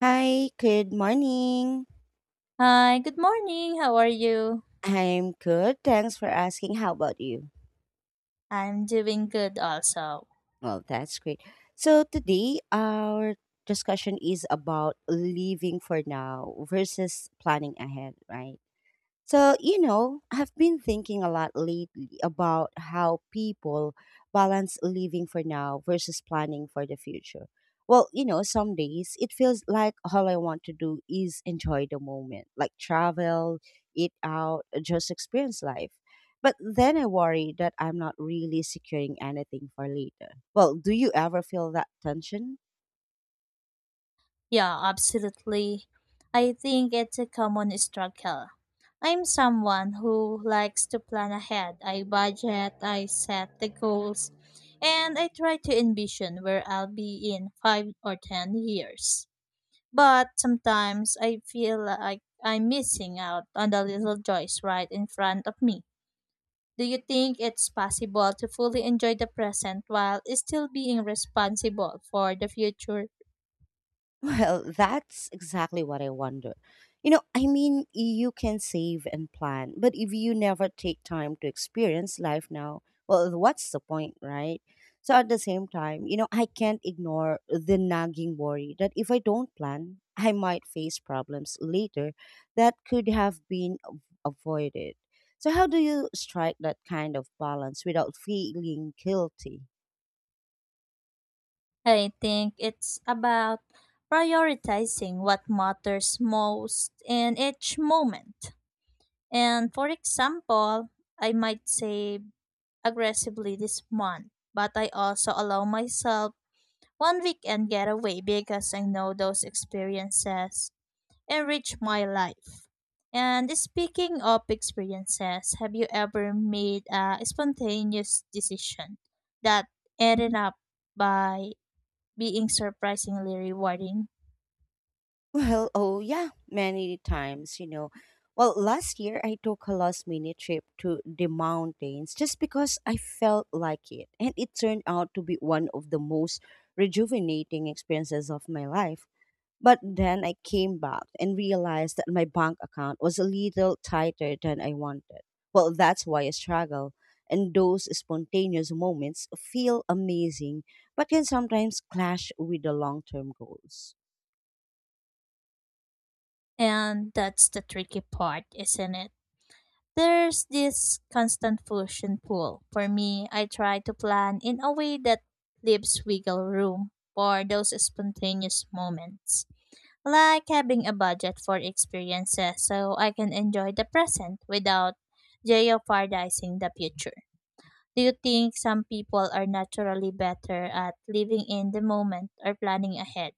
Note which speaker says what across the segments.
Speaker 1: Hi, good morning.
Speaker 2: Hi, good morning. How are you?
Speaker 1: I'm good. Thanks for asking. How about you?
Speaker 2: I'm doing good also.
Speaker 1: That's great. Today our discussion is about living for now versus planning ahead, right? I've been thinking a lot lately about how people balance living for now versus planning for the future. Some days it feels like all I want to do is enjoy the moment, like travel, eat out, just experience life. But then I worry that I'm not really securing anything for later. Well, do you ever feel that tension?
Speaker 2: Yeah, absolutely. I think it's a common struggle. I'm someone who likes to plan ahead. I budget, I set the goals, and I try to envision where I'll be in 5 or 10 years. But sometimes I feel like I'm missing out on the little joys right in front of me. Do you think it's possible to fully enjoy the present while still being responsible for the future?
Speaker 1: That's exactly what I wonder. You can save and plan, but if you never take time to experience life now, well, what's the point, right? So at the same time, you know, I can't ignore the nagging worry that if I don't plan, I might face problems later that could have been avoided. So how do you strike that kind of balance without feeling guilty?
Speaker 2: I think it's about prioritizing what matters most in each moment. And for example, I might save aggressively this month, but I also allow myself one weekend getaway because I know those experiences enrich my life. And speaking of experiences, have you ever made a spontaneous decision that ended up by being surprisingly rewarding?
Speaker 1: Oh yeah, many times, you know. Well, last year I took a last minute trip to the mountains just because I felt like it, and it turned out to be one of the most rejuvenating experiences of my life. But then I came back and realized that my bank account was a little tighter than I wanted. Well, that's why I struggle, and those spontaneous moments feel amazing, but can sometimes clash with the long-term goals.
Speaker 2: And that's the tricky part, isn't it? There's this constant push and pull. For me, I try to plan in a way that leaves wiggle room for those spontaneous moments, like having a budget for experiences so I can enjoy the present without jeopardizing the future. Do you think some people are naturally better at living in the moment or planning ahead?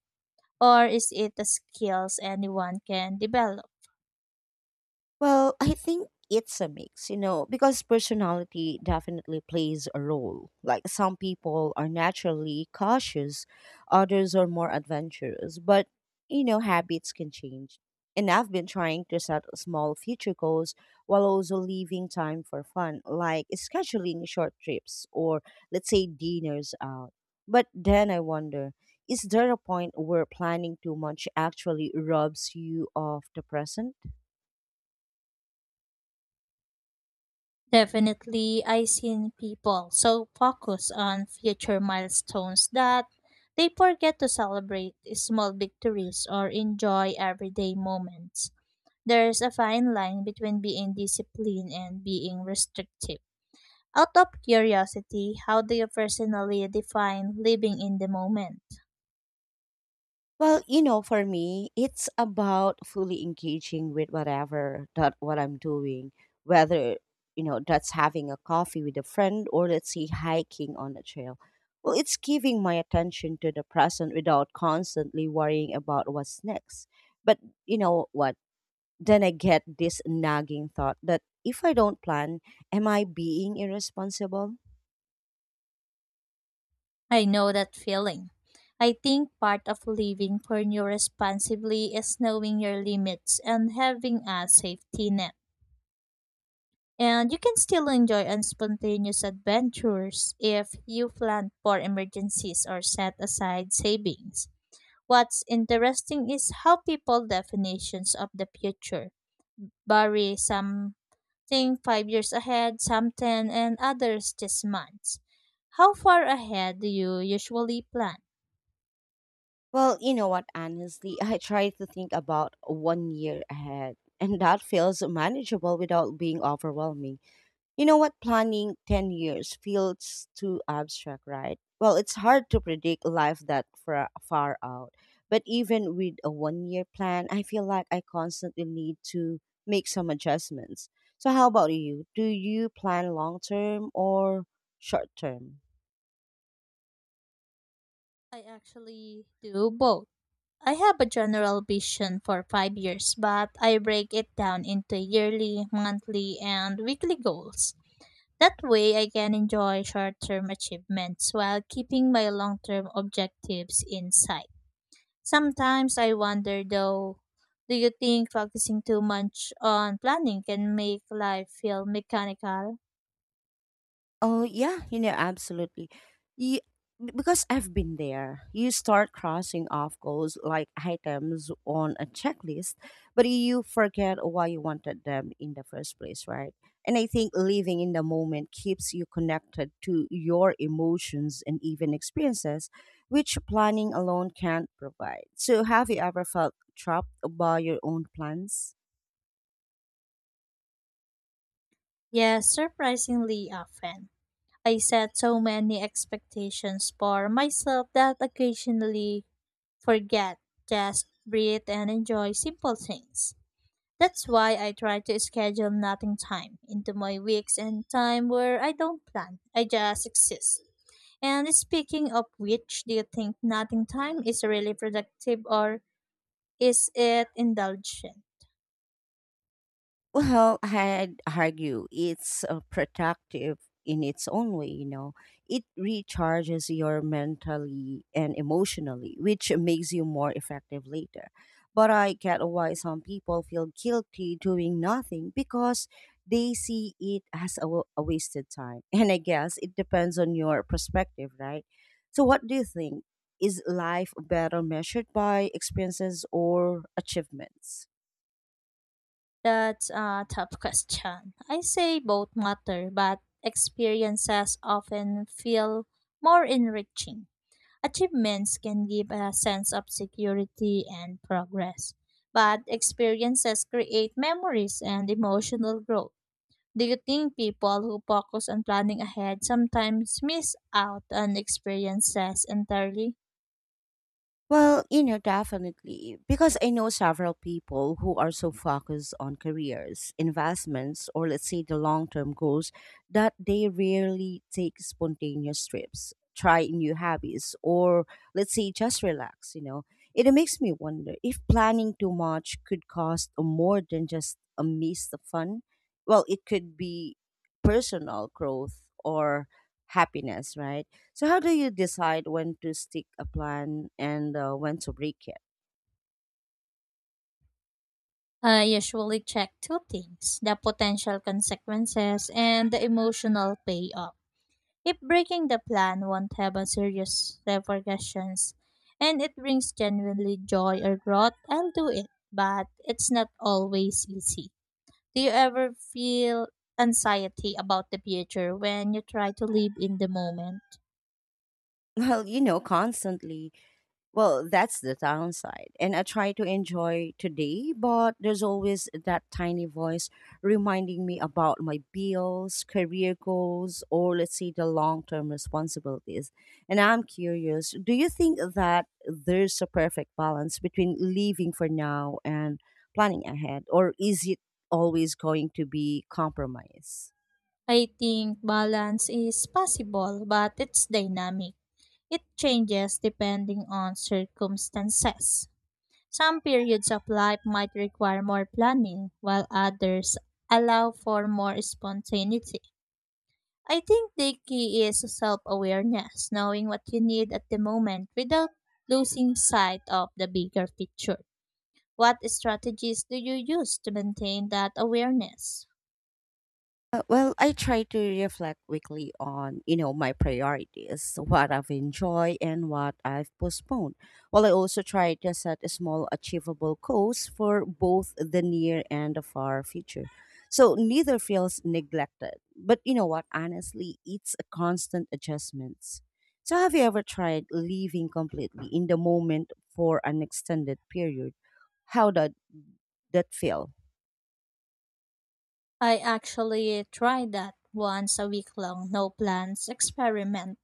Speaker 2: Or is it a skills anyone can develop?
Speaker 1: I think it's a mix, you know, because personality definitely plays a role. Like some people are naturally cautious, others are more adventurous, but you know, habits can change. And I've been trying to set small future goals while also leaving time for fun, like scheduling short trips or let's say dinners out. But then I wonder, is there a point where planning too much actually robs you of the present?
Speaker 2: Definitely, I've seen people so focused on future milestones that they forget to celebrate small victories or enjoy everyday moments. There's a fine line between being disciplined and being restrictive. Out of curiosity, how do you personally define living in the moment?
Speaker 1: For me, it's about fully engaging with whatever that what I'm doing, whether you know that's having a coffee with a friend or let's say hiking on a trail. Well, it's giving my attention to the present without constantly worrying about what's next. But you know what? Then I get this nagging thought that if I don't plan, am I being irresponsible?
Speaker 2: I know that feeling. I think part of living for you responsibly is knowing your limits and having a safety net. And you can still enjoy on spontaneous adventures if you plan for emergencies or set aside savings. What's interesting is how people definitions of the future bury something 5 years ahead, some 10, and others just months. How far ahead do you usually plan?
Speaker 1: Honestly, I try to think about 1 year ahead, and that feels manageable without being overwhelming. You know what, planning 10 years feels too abstract, right? Well, it's hard to predict life that far out. But even with a 1 year plan, I feel like I constantly need to make some adjustments. So, how about you? Do you plan long term or short term?
Speaker 2: I actually do both. I have a general vision for 5 years, but I break it down into yearly, monthly, and weekly goals. That way, I can enjoy short term achievements while keeping my long term objectives in sight. Sometimes I wonder though, do you think focusing too much on planning can make life feel mechanical?
Speaker 1: Oh yeah, you know, absolutely. You, because I've been there. You start crossing off goals like items on a checklist, but you forget why you wanted them in the first place, right? And I think living in the moment keeps you connected to your emotions and even experiences, which planning alone can't provide. So have you ever felt trapped by your own plans?
Speaker 2: Yes, surprisingly often. I set so many expectations for myself that occasionally forget, just breathe and enjoy simple things. That's why I try to schedule nothing time into my weeks and time where I don't plan. I just exist. And speaking of which, do you think nothing time is really productive or is it indulgent?
Speaker 1: Well, I'd argue it's productive in its own way, you know. It recharges your mentally and emotionally, which makes you more effective later. But I get why some people feel guilty doing nothing because they see it as a, a wasted time. And I guess it depends on your perspective, right? So, what do you think? Is life better measured by experiences or achievements?
Speaker 2: That's a tough question. I say both matter, but experiences often feel more enriching. Achievements can give a sense of security and progress, but experiences create memories and emotional growth. Do you think people who focus on planning ahead sometimes miss out on experiences entirely?
Speaker 1: Definitely. Because I know several people who are so focused on careers, investments, or let's say the long term goals that they rarely take spontaneous trips, try new hobbies, or let's say just relax, you know. It makes me wonder if planning too much could cost more than just a missed fun. Well, it could be personal growth or happiness, right? So, how do you decide when to stick a plan and when to break it?
Speaker 2: I usually check two things: the potential consequences and the emotional payoff. If breaking the plan won't have a serious repercussions and it brings genuinely joy or growth, I'll do it. But it's not always easy. Do you ever feel anxiety about the future when you try to live in the moment?
Speaker 1: Constantly. Well, that's the downside. And I try to enjoy today, but there's always that tiny voice reminding me about my bills, career goals, or let's say the long term responsibilities. And I'm curious do you think that there's a perfect balance between living for now and planning ahead, or is it always going to be compromise?
Speaker 2: I think balance is possible, but it's dynamic. It changes depending on circumstances. Some periods of life might require more planning, while others allow for more spontaneity. I think the key is self awareness, knowing what you need at the moment without losing sight of the bigger picture. What strategies do you use to maintain that awareness?
Speaker 1: I try to reflect weekly on, you know, my priorities, what I've enjoyed and what I've postponed. While I also try to set small achievable goals for both the near and the far future. So neither feels neglected. But you know what, honestly, it's a constant adjustments. So have you ever tried living completely in the moment for an extended period? How did that feel?
Speaker 2: I actually tried that once, a week long no plans experiment.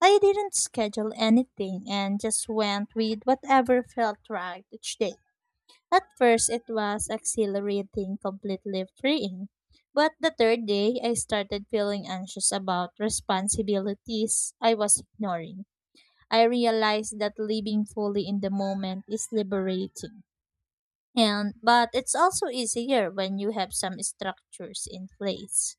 Speaker 2: I didn't schedule anything and just went with whatever felt right each day. At first, it was exhilarating, completely freeing. But the third day, I started feeling anxious about responsibilities I was ignoring. I realized that living fully in the moment is liberating. And but it's also easier when you have some structures in place.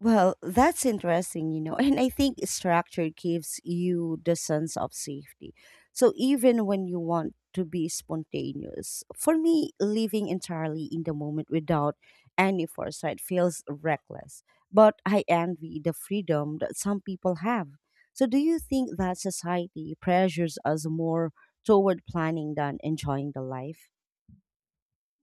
Speaker 1: Well, that's interesting, you know. And I think structure gives you the sense of safety. So even when you want to be spontaneous, for me, living entirely in the moment without any foresight feels reckless. But I envy the freedom that some people have. So do you think that society pressures us more toward planning than enjoying the life?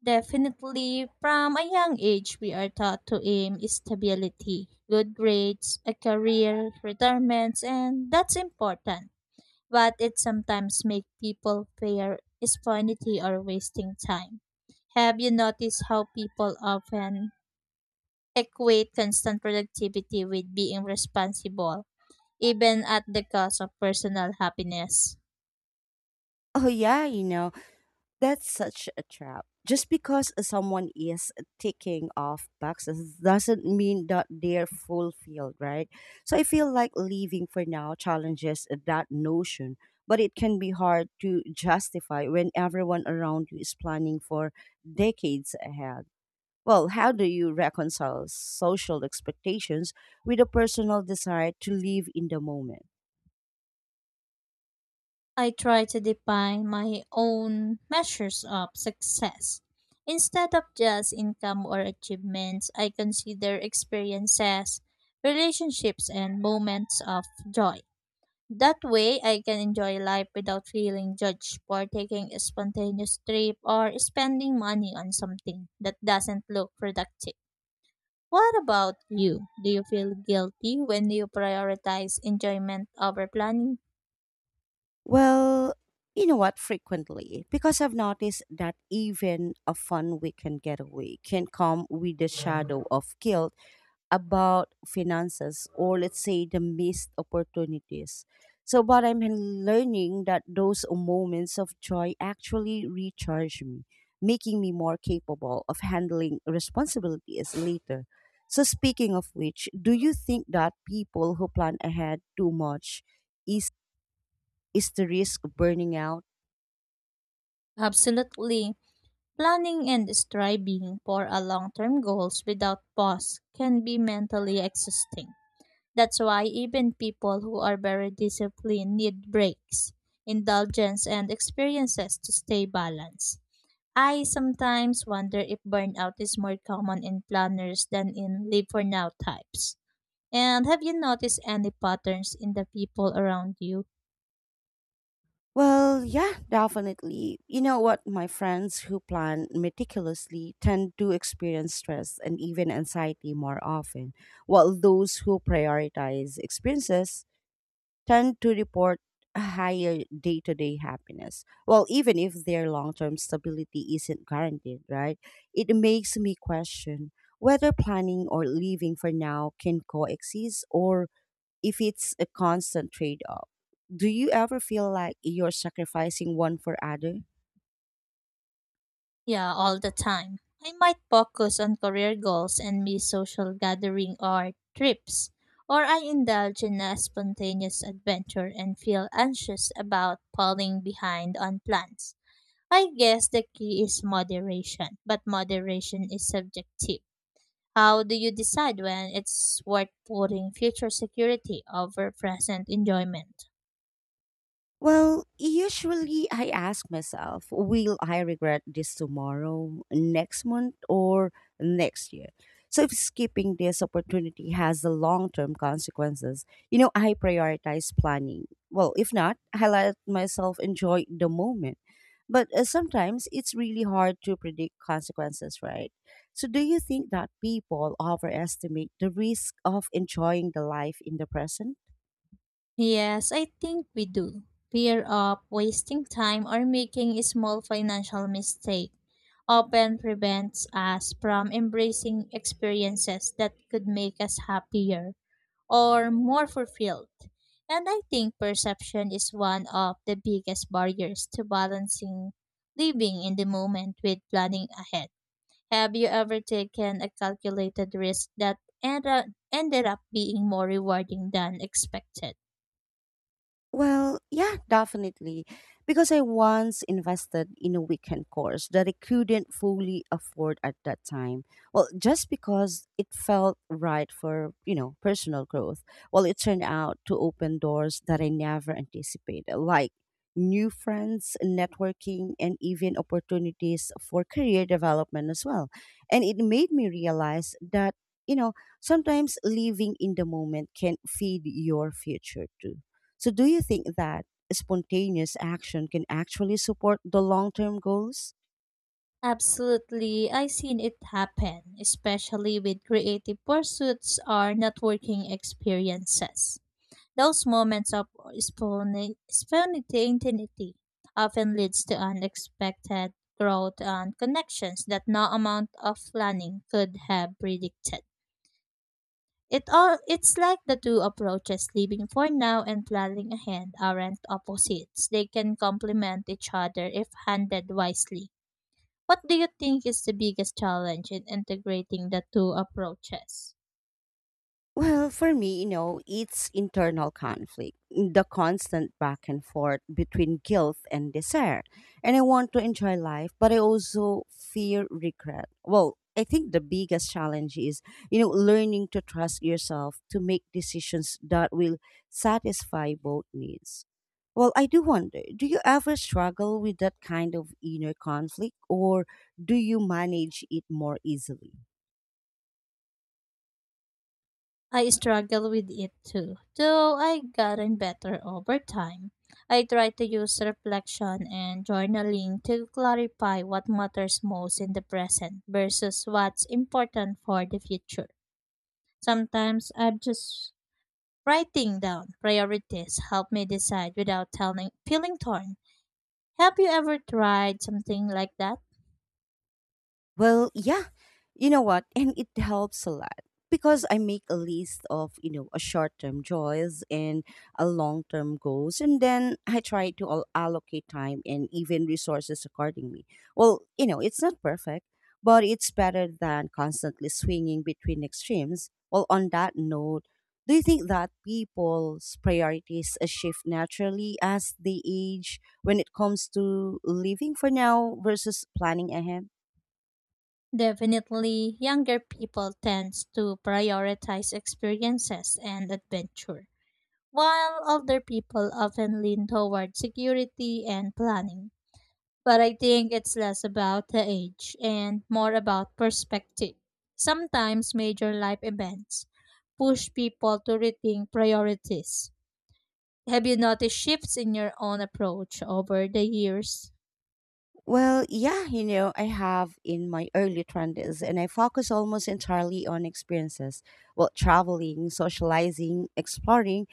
Speaker 2: Definitely, from a young age, we are taught to aim stability, good grades, a career, retirements, and that's important but it sometimes makes people fear spontaneity or wasting time. Have you noticed how people often equate constant productivity with being responsible, even at the cost of personal happiness?
Speaker 1: Oh yeah, you know. That's such a trap. Just because someone is ticking off boxes doesn't mean that they're fulfilled, right? So I feel like leaving for now challenges that notion, but it can be hard to justify when everyone around you is planning for decades ahead. Well, how do you reconcile social expectations with a personal desire to live in the moment?
Speaker 2: I try to define my own measures of success. Instead of just income or achievements, I consider experiences, relationships, and moments of joy. That way, I can enjoy life without feeling judged for taking a spontaneous trip or spending money on something that doesn't look productive. What about you? Do you feel guilty when you prioritize enjoyment over planning?
Speaker 1: Well, you know what? Frequently, because I've noticed that even a fun weekend getaway can come with the shadow of guilt about finances or, let's say, the missed opportunities. But I'm learning that those moments of joy actually recharge me, making me more capable of handling responsibilities later. So, speaking of which, do you think that people who plan ahead too much? Is the risk of burning out?
Speaker 2: Absolutely. Planning and striving for a long-term goals without pause can be mentally exhausting. That's why even people who are very disciplined need breaks, indulgence, and experiences to stay balanced. I sometimes wonder if burnout is more common in planners than in live for now types. And have you noticed any patterns in the people around you?
Speaker 1: Well, yeah, definitely. You know what? My friends who plan meticulously tend to experience stress and even anxiety more often, while those who prioritize experiences tend to report a higher day to day happiness. Well, even if their long term stability isn't guaranteed, right? It makes me question whether planning or living for now can coexist or if it's a constant trade off. Do you ever feel like you're sacrificing one for other?
Speaker 2: Yeah, all the time. I might focus on career goals and miss social gathering or trips. Or I indulge in a spontaneous adventure and feel anxious about falling behind on plans. I guess the key is moderation, but moderation is subjective. How do you decide when it's worth putting future security over present enjoyment?
Speaker 1: Usually I ask myself, will I regret this tomorrow, next month, or next year? So if skipping this opportunity has the long term consequences, you know, I prioritize planning. Well, if not, I let myself enjoy the moment. But sometimes it's really hard to predict consequences, right? So, do you think that people overestimate the risk of enjoying the life in the present?
Speaker 2: Yes, I think we do. Fear of wasting time or making a small financial mistake often prevents us from embracing experiences that could make us happier or more fulfilled. And I think perception is one of the biggest barriers to balancing living in the moment with planning ahead. Have you ever taken a calculated risk that ended up, ended up being more rewarding than expected?
Speaker 1: Well, yeah, definitely. Because I once invested in a weekend course that I couldn't fully afford at that time. Well, just because it felt right for, you know, personal growth. Well, it turned out to open doors that I never anticipated, like new friends, networking, and even opportunities for career development as well. And it made me realize that, you know, sometimes living in the moment can feed your future too. So, do you think that spontaneous action can actually support the long term goals?
Speaker 2: Absolutely, I've seen it happen, especially with creative pursuits or networking experiences. Those moments of spontaneity often leads to unexpected growth and connections that no amount of planning could have predicted. It all it's like the two approaches, living for now and planning ahead, aren't opposites. They can complement each other if handled wisely. What do you think is the biggest challenge in integrating the two approaches?
Speaker 1: For me, it's internal conflict, the constant back and forth between guilt and desire. And I want to enjoy life, but I also fear regret. Well, I think the biggest challenge is, you know, learning to trust yourself to make decisions that will satisfy both needs. Well, I do wonder, do you ever struggle with that kind of inner conflict or do you manage it more easily?
Speaker 2: I struggle with it too, though I have gotten better over time. I try to use reflection and journaling to clarify what matters most in the present versus what's important for the future. Sometimes I'm just writing down priorities help me decide without telling, feeling torn. Have you ever tried something like that?
Speaker 1: Well, yeah. You know what? And it helps a lot because I make a list of, you know, a short-term joys and a long-term goals and then I try to allocate time and even resources accordingly. Well, you know, it's not perfect, but it's better than constantly swinging between extremes. Well, on that note, do you think that people's priorities shift naturally as they age when it comes to living for now versus planning ahead?
Speaker 2: Definitely, younger people tend to prioritize experiences and adventure, while older people often lean toward security and planning. But I think it's less about the age and more about perspective. Sometimes major life events push people to rethink priorities. Have you noticed shifts in your own approach over the years?
Speaker 1: I have in my early 20s, and I focus almost entirely on experiences. Well, traveling, socializing, exploring,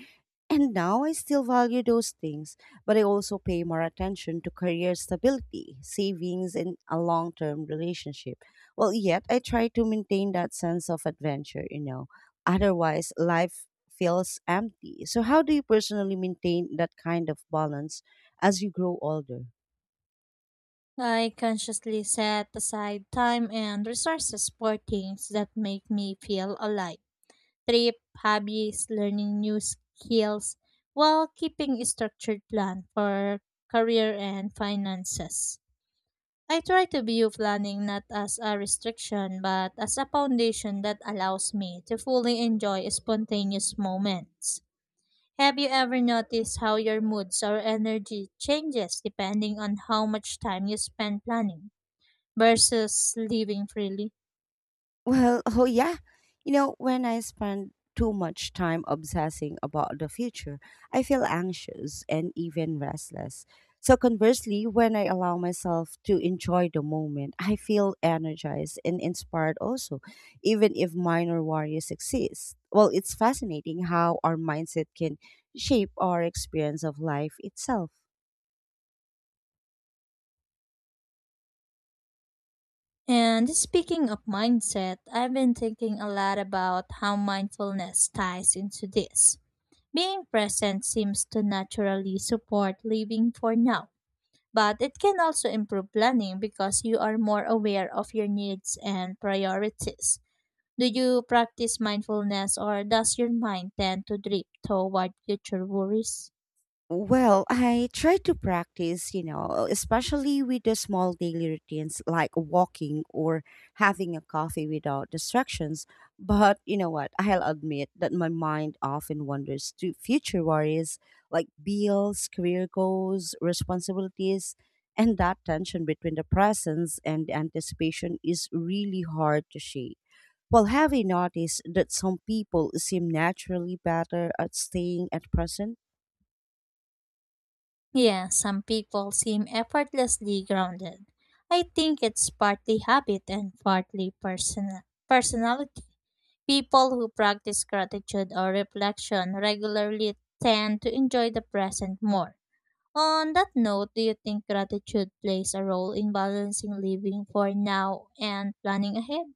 Speaker 1: and now I still value those things, but I also pay more attention to career stability, savings, and a long term relationship. Well, yet I try to maintain that sense of adventure, you know, otherwise, life feels empty. So, how do you personally maintain that kind of balance as you grow older?
Speaker 2: I consciously set aside time and resources for things that make me feel alive. Trip, hobbies, learning new skills, while keeping a structured plan for career and finances. I try to view planning not as a restriction but as a foundation that allows me to fully enjoy spontaneous moments. Have you ever noticed how your moods or energy changes depending on how much time you spend planning versus living freely?
Speaker 1: Well, oh yeah. You know, when I spend too much time obsessing about the future, I feel anxious and even restless. So conversely, when I allow myself to enjoy the moment, I feel energized and inspired also, even if minor worries exist. Well, it's fascinating how our mindset can shape our experience of life itself.
Speaker 2: And speaking of mindset, I've been thinking a lot about how mindfulness ties into this. Being present seems to naturally support living for now, but it can also improve planning because you are more aware of your needs and priorities. Do you practice mindfulness or does your mind tend to drift toward future worries?
Speaker 1: I try to practice, you know, especially with the small daily routines like walking or having a coffee without distractions. But you know what? I'll admit that my mind often wanders to future worries like bills, career goals, responsibilities, and that tension between the presence and the anticipation is really hard to shake. Well, have you noticed that some people seem naturally better at staying at present?
Speaker 2: Yes, some people seem effortlessly grounded. I think it's partly habit and partly personal personality. People who practice gratitude or reflection regularly tend to enjoy the present more. On that note, do you think gratitude plays a role in balancing living for now and planning ahead?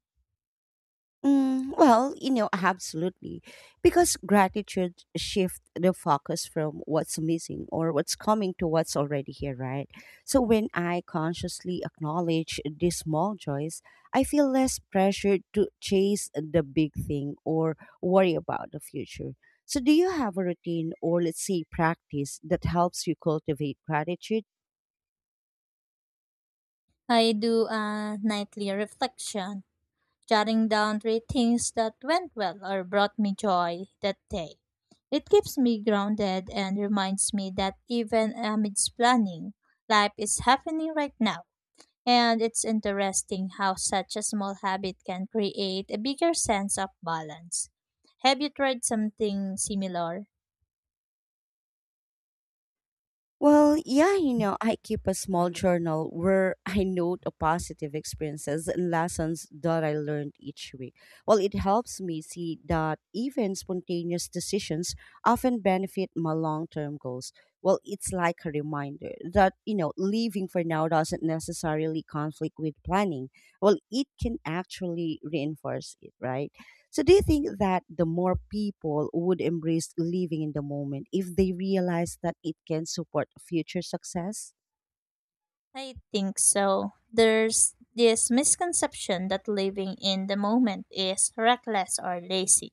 Speaker 1: Mm, well, you know, absolutely. Because gratitude shifts the focus from what's missing or what's coming to what's already here, right? So when I consciously acknowledge these small joys, I feel less pressured to chase the big thing or worry about the future. So do you have a routine or let's say practice that helps you cultivate gratitude?
Speaker 2: I do a nightly reflection, jotting down three things that went well or brought me joy that day. It keeps me grounded and reminds me that even amidst planning, life is happening right now. And it's interesting how such a small habit can create a bigger sense of balance. Have you tried something similar?
Speaker 1: Well, yeah, you know, I keep a small journal where I note the positive experiences and lessons that I learned each week. Well, it helps me see that even spontaneous decisions often benefit my long term goals. Well, it's like a reminder that, you know, living for now doesn't necessarily conflict with planning. Well, it can actually reinforce it, right? So, do you think that the more people would embrace living in the moment if they realize that it can support future success?
Speaker 2: I think so. There's this misconception that living in the moment is reckless or lazy.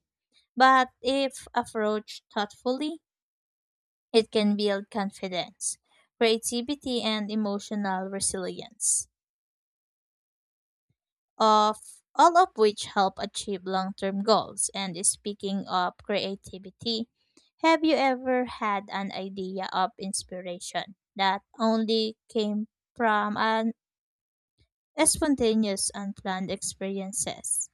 Speaker 2: But if approached thoughtfully, it can build confidence, creativity, and emotional resilience, of all of which help achieve long-term goals. And speaking of creativity, have you ever had an idea of inspiration that only came from an spontaneous unplanned experiences?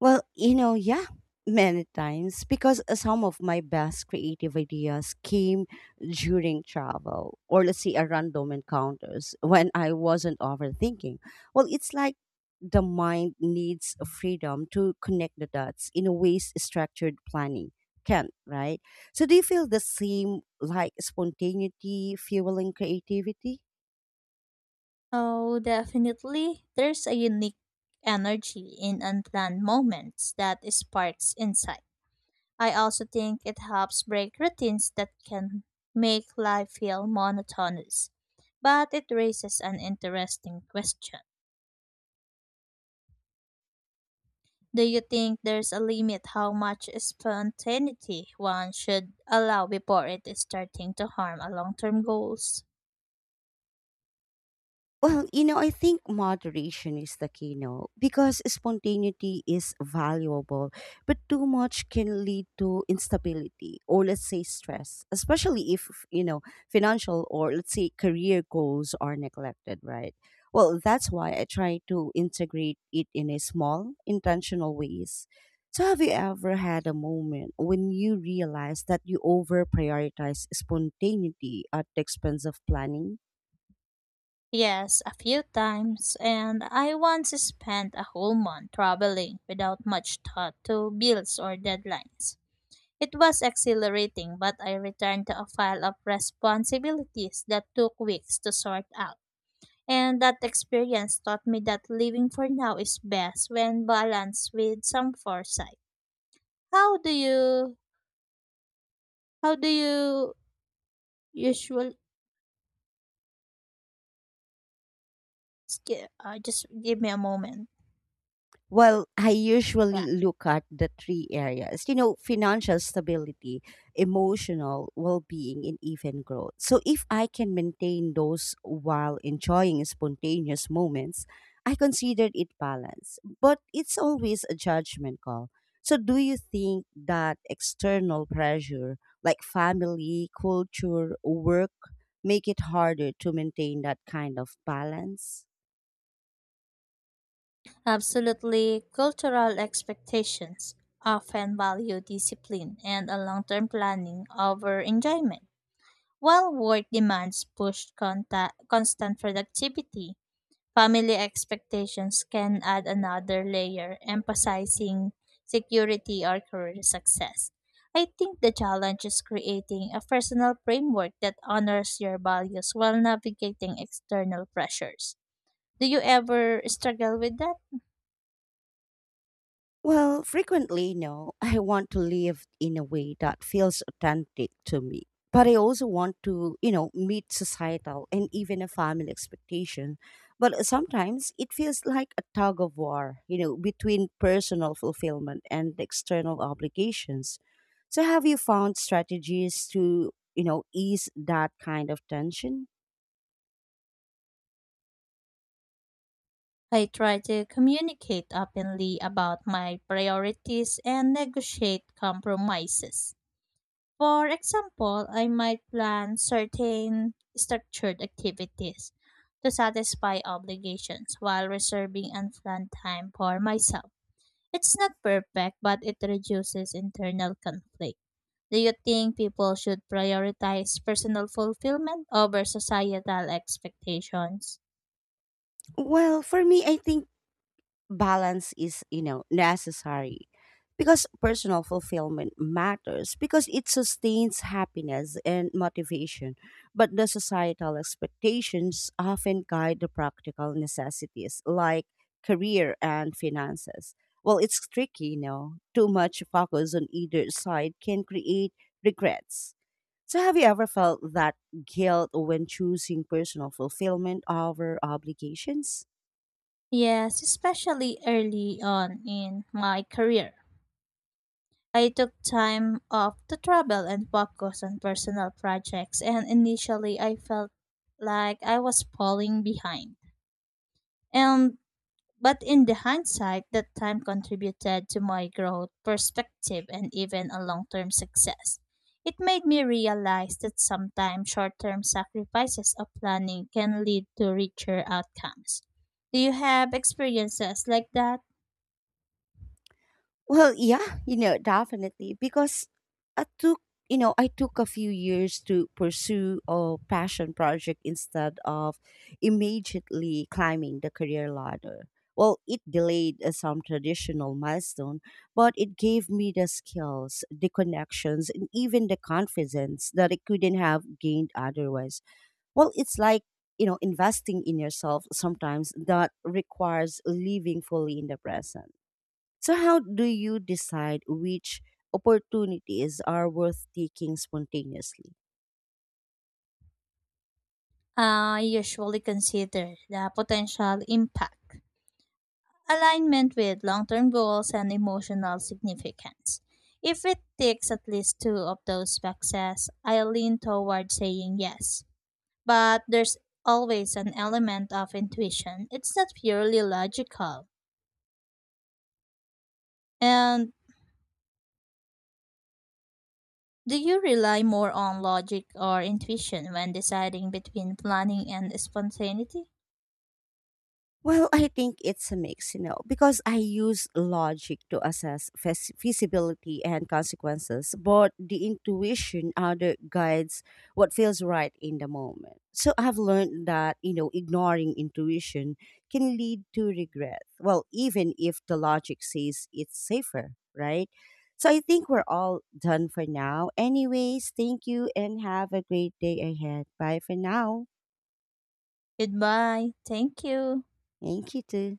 Speaker 1: Well, you know, yeah, many times because some of my best creative ideas came during travel or let's say a random encounters when I wasn't overthinking. Well, it's like the mind needs freedom to connect the dots in a ways structured planning can't, right? So do you feel the same like spontaneity fueling creativity?
Speaker 2: Oh, definitely. There's a unique energy in unplanned moments that sparks insight. I also think it helps break routines that can make life feel monotonous. But it raises an interesting question. Do you think there's a limit how much spontaneity one should allow before it is starting to harm a long-term goals?
Speaker 1: Well, you know, I think moderation is the key, no? Because spontaneity is valuable, but too much can lead to instability or let's say stress, especially if, you know, financial or let's say career goals are neglected, right? Well, that's why I try to integrate it in a small, intentional ways. So have you ever had a moment when you realized that you over prioritize spontaneity at the expense of planning?
Speaker 2: Yes, a few times, and I once spent a whole month traveling without much thought to bills or deadlines. It was exhilarating, but I returned to a pile of responsibilities that took weeks to sort out. And that experience taught me that living for now is best when balanced with some foresight. How do you how do you usually just give me a moment.
Speaker 1: Well, I
Speaker 2: Yeah.
Speaker 1: usually look at the three areas, you know, financial stability, emotional well being, and even growth. So, if I can maintain those while enjoying spontaneous moments, I consider it balance. But it's always a judgment call. So, do you think that external pressure like family, culture, work make it harder to maintain that kind of balance?
Speaker 2: Absolutely. Cultural expectations often value discipline and a long-term planning over enjoyment. While work demands push constant productivity, family expectations can add another layer, emphasizing security or career success. I think the challenge is creating a personal framework that honors your values while navigating external pressures. Do you ever struggle with that?
Speaker 1: Well, frequently, no. I want to live in a way that feels authentic to me. But I also want to, you know, meet societal and even a family expectation. But sometimes it feels like a tug of war, you know, between personal fulfillment and external obligations. So have you found strategies to, you know, ease that kind of tension?
Speaker 2: I try to communicate openly about my priorities and negotiate compromises. For example, I might plan certain structured activities to satisfy obligations while reserving unplanned time for myself. It's not perfect, but it reduces internal conflict. Do you think people should prioritize personal fulfillment over societal expectations?
Speaker 1: Well, for me, I think balance is you know necessary because personal fulfillment matters because it sustains happiness and motivation, but the societal expectations often guide the practical necessities like career and finances. Well, it's tricky, you know, too much focus on either side can create regrets. So have you ever felt that guilt when choosing personal fulfillment over obligations?
Speaker 2: Yes, especially early on in my career. I took time off to travel and focus on personal projects, and initially I felt like I was falling behind. And but in the hindsight, that time contributed to my growth, perspective, and even a long-term success. It made me realize that sometimes short-term sacrifices of planning can lead to richer outcomes. Do you have experiences like that?
Speaker 1: Well, yeah, you know, definitely because I took, I took a few years to pursue a passion project instead of immediately climbing the career ladder. Well, it delayed some traditional milestone, but it gave me the skills, the connections, and even the confidence that I couldn't have gained otherwise. Well, it's like, you know, investing in yourself sometimes that requires living fully in the present. So, how do you decide which opportunities are worth taking spontaneously?
Speaker 2: I usually consider the potential impact, alignment with long term goals and emotional significance. If it ticks at least two of those boxes, I lean toward saying yes. But there's always an element of intuition, it's not purely logical. And do you rely more on logic or intuition when deciding between planning and spontaneity?
Speaker 1: Well, I think it's a mix, you know, because I use logic to assess feasibility and consequences, but the intuition other guides what feels right in the moment. So I've learned that, you know, ignoring intuition can lead to regret. Well, even if the logic says it's safer, right? So I think we're all done for now. Anyways, thank you and have a great day ahead. Bye for now.
Speaker 2: Goodbye. Thank you.
Speaker 1: Thank you too.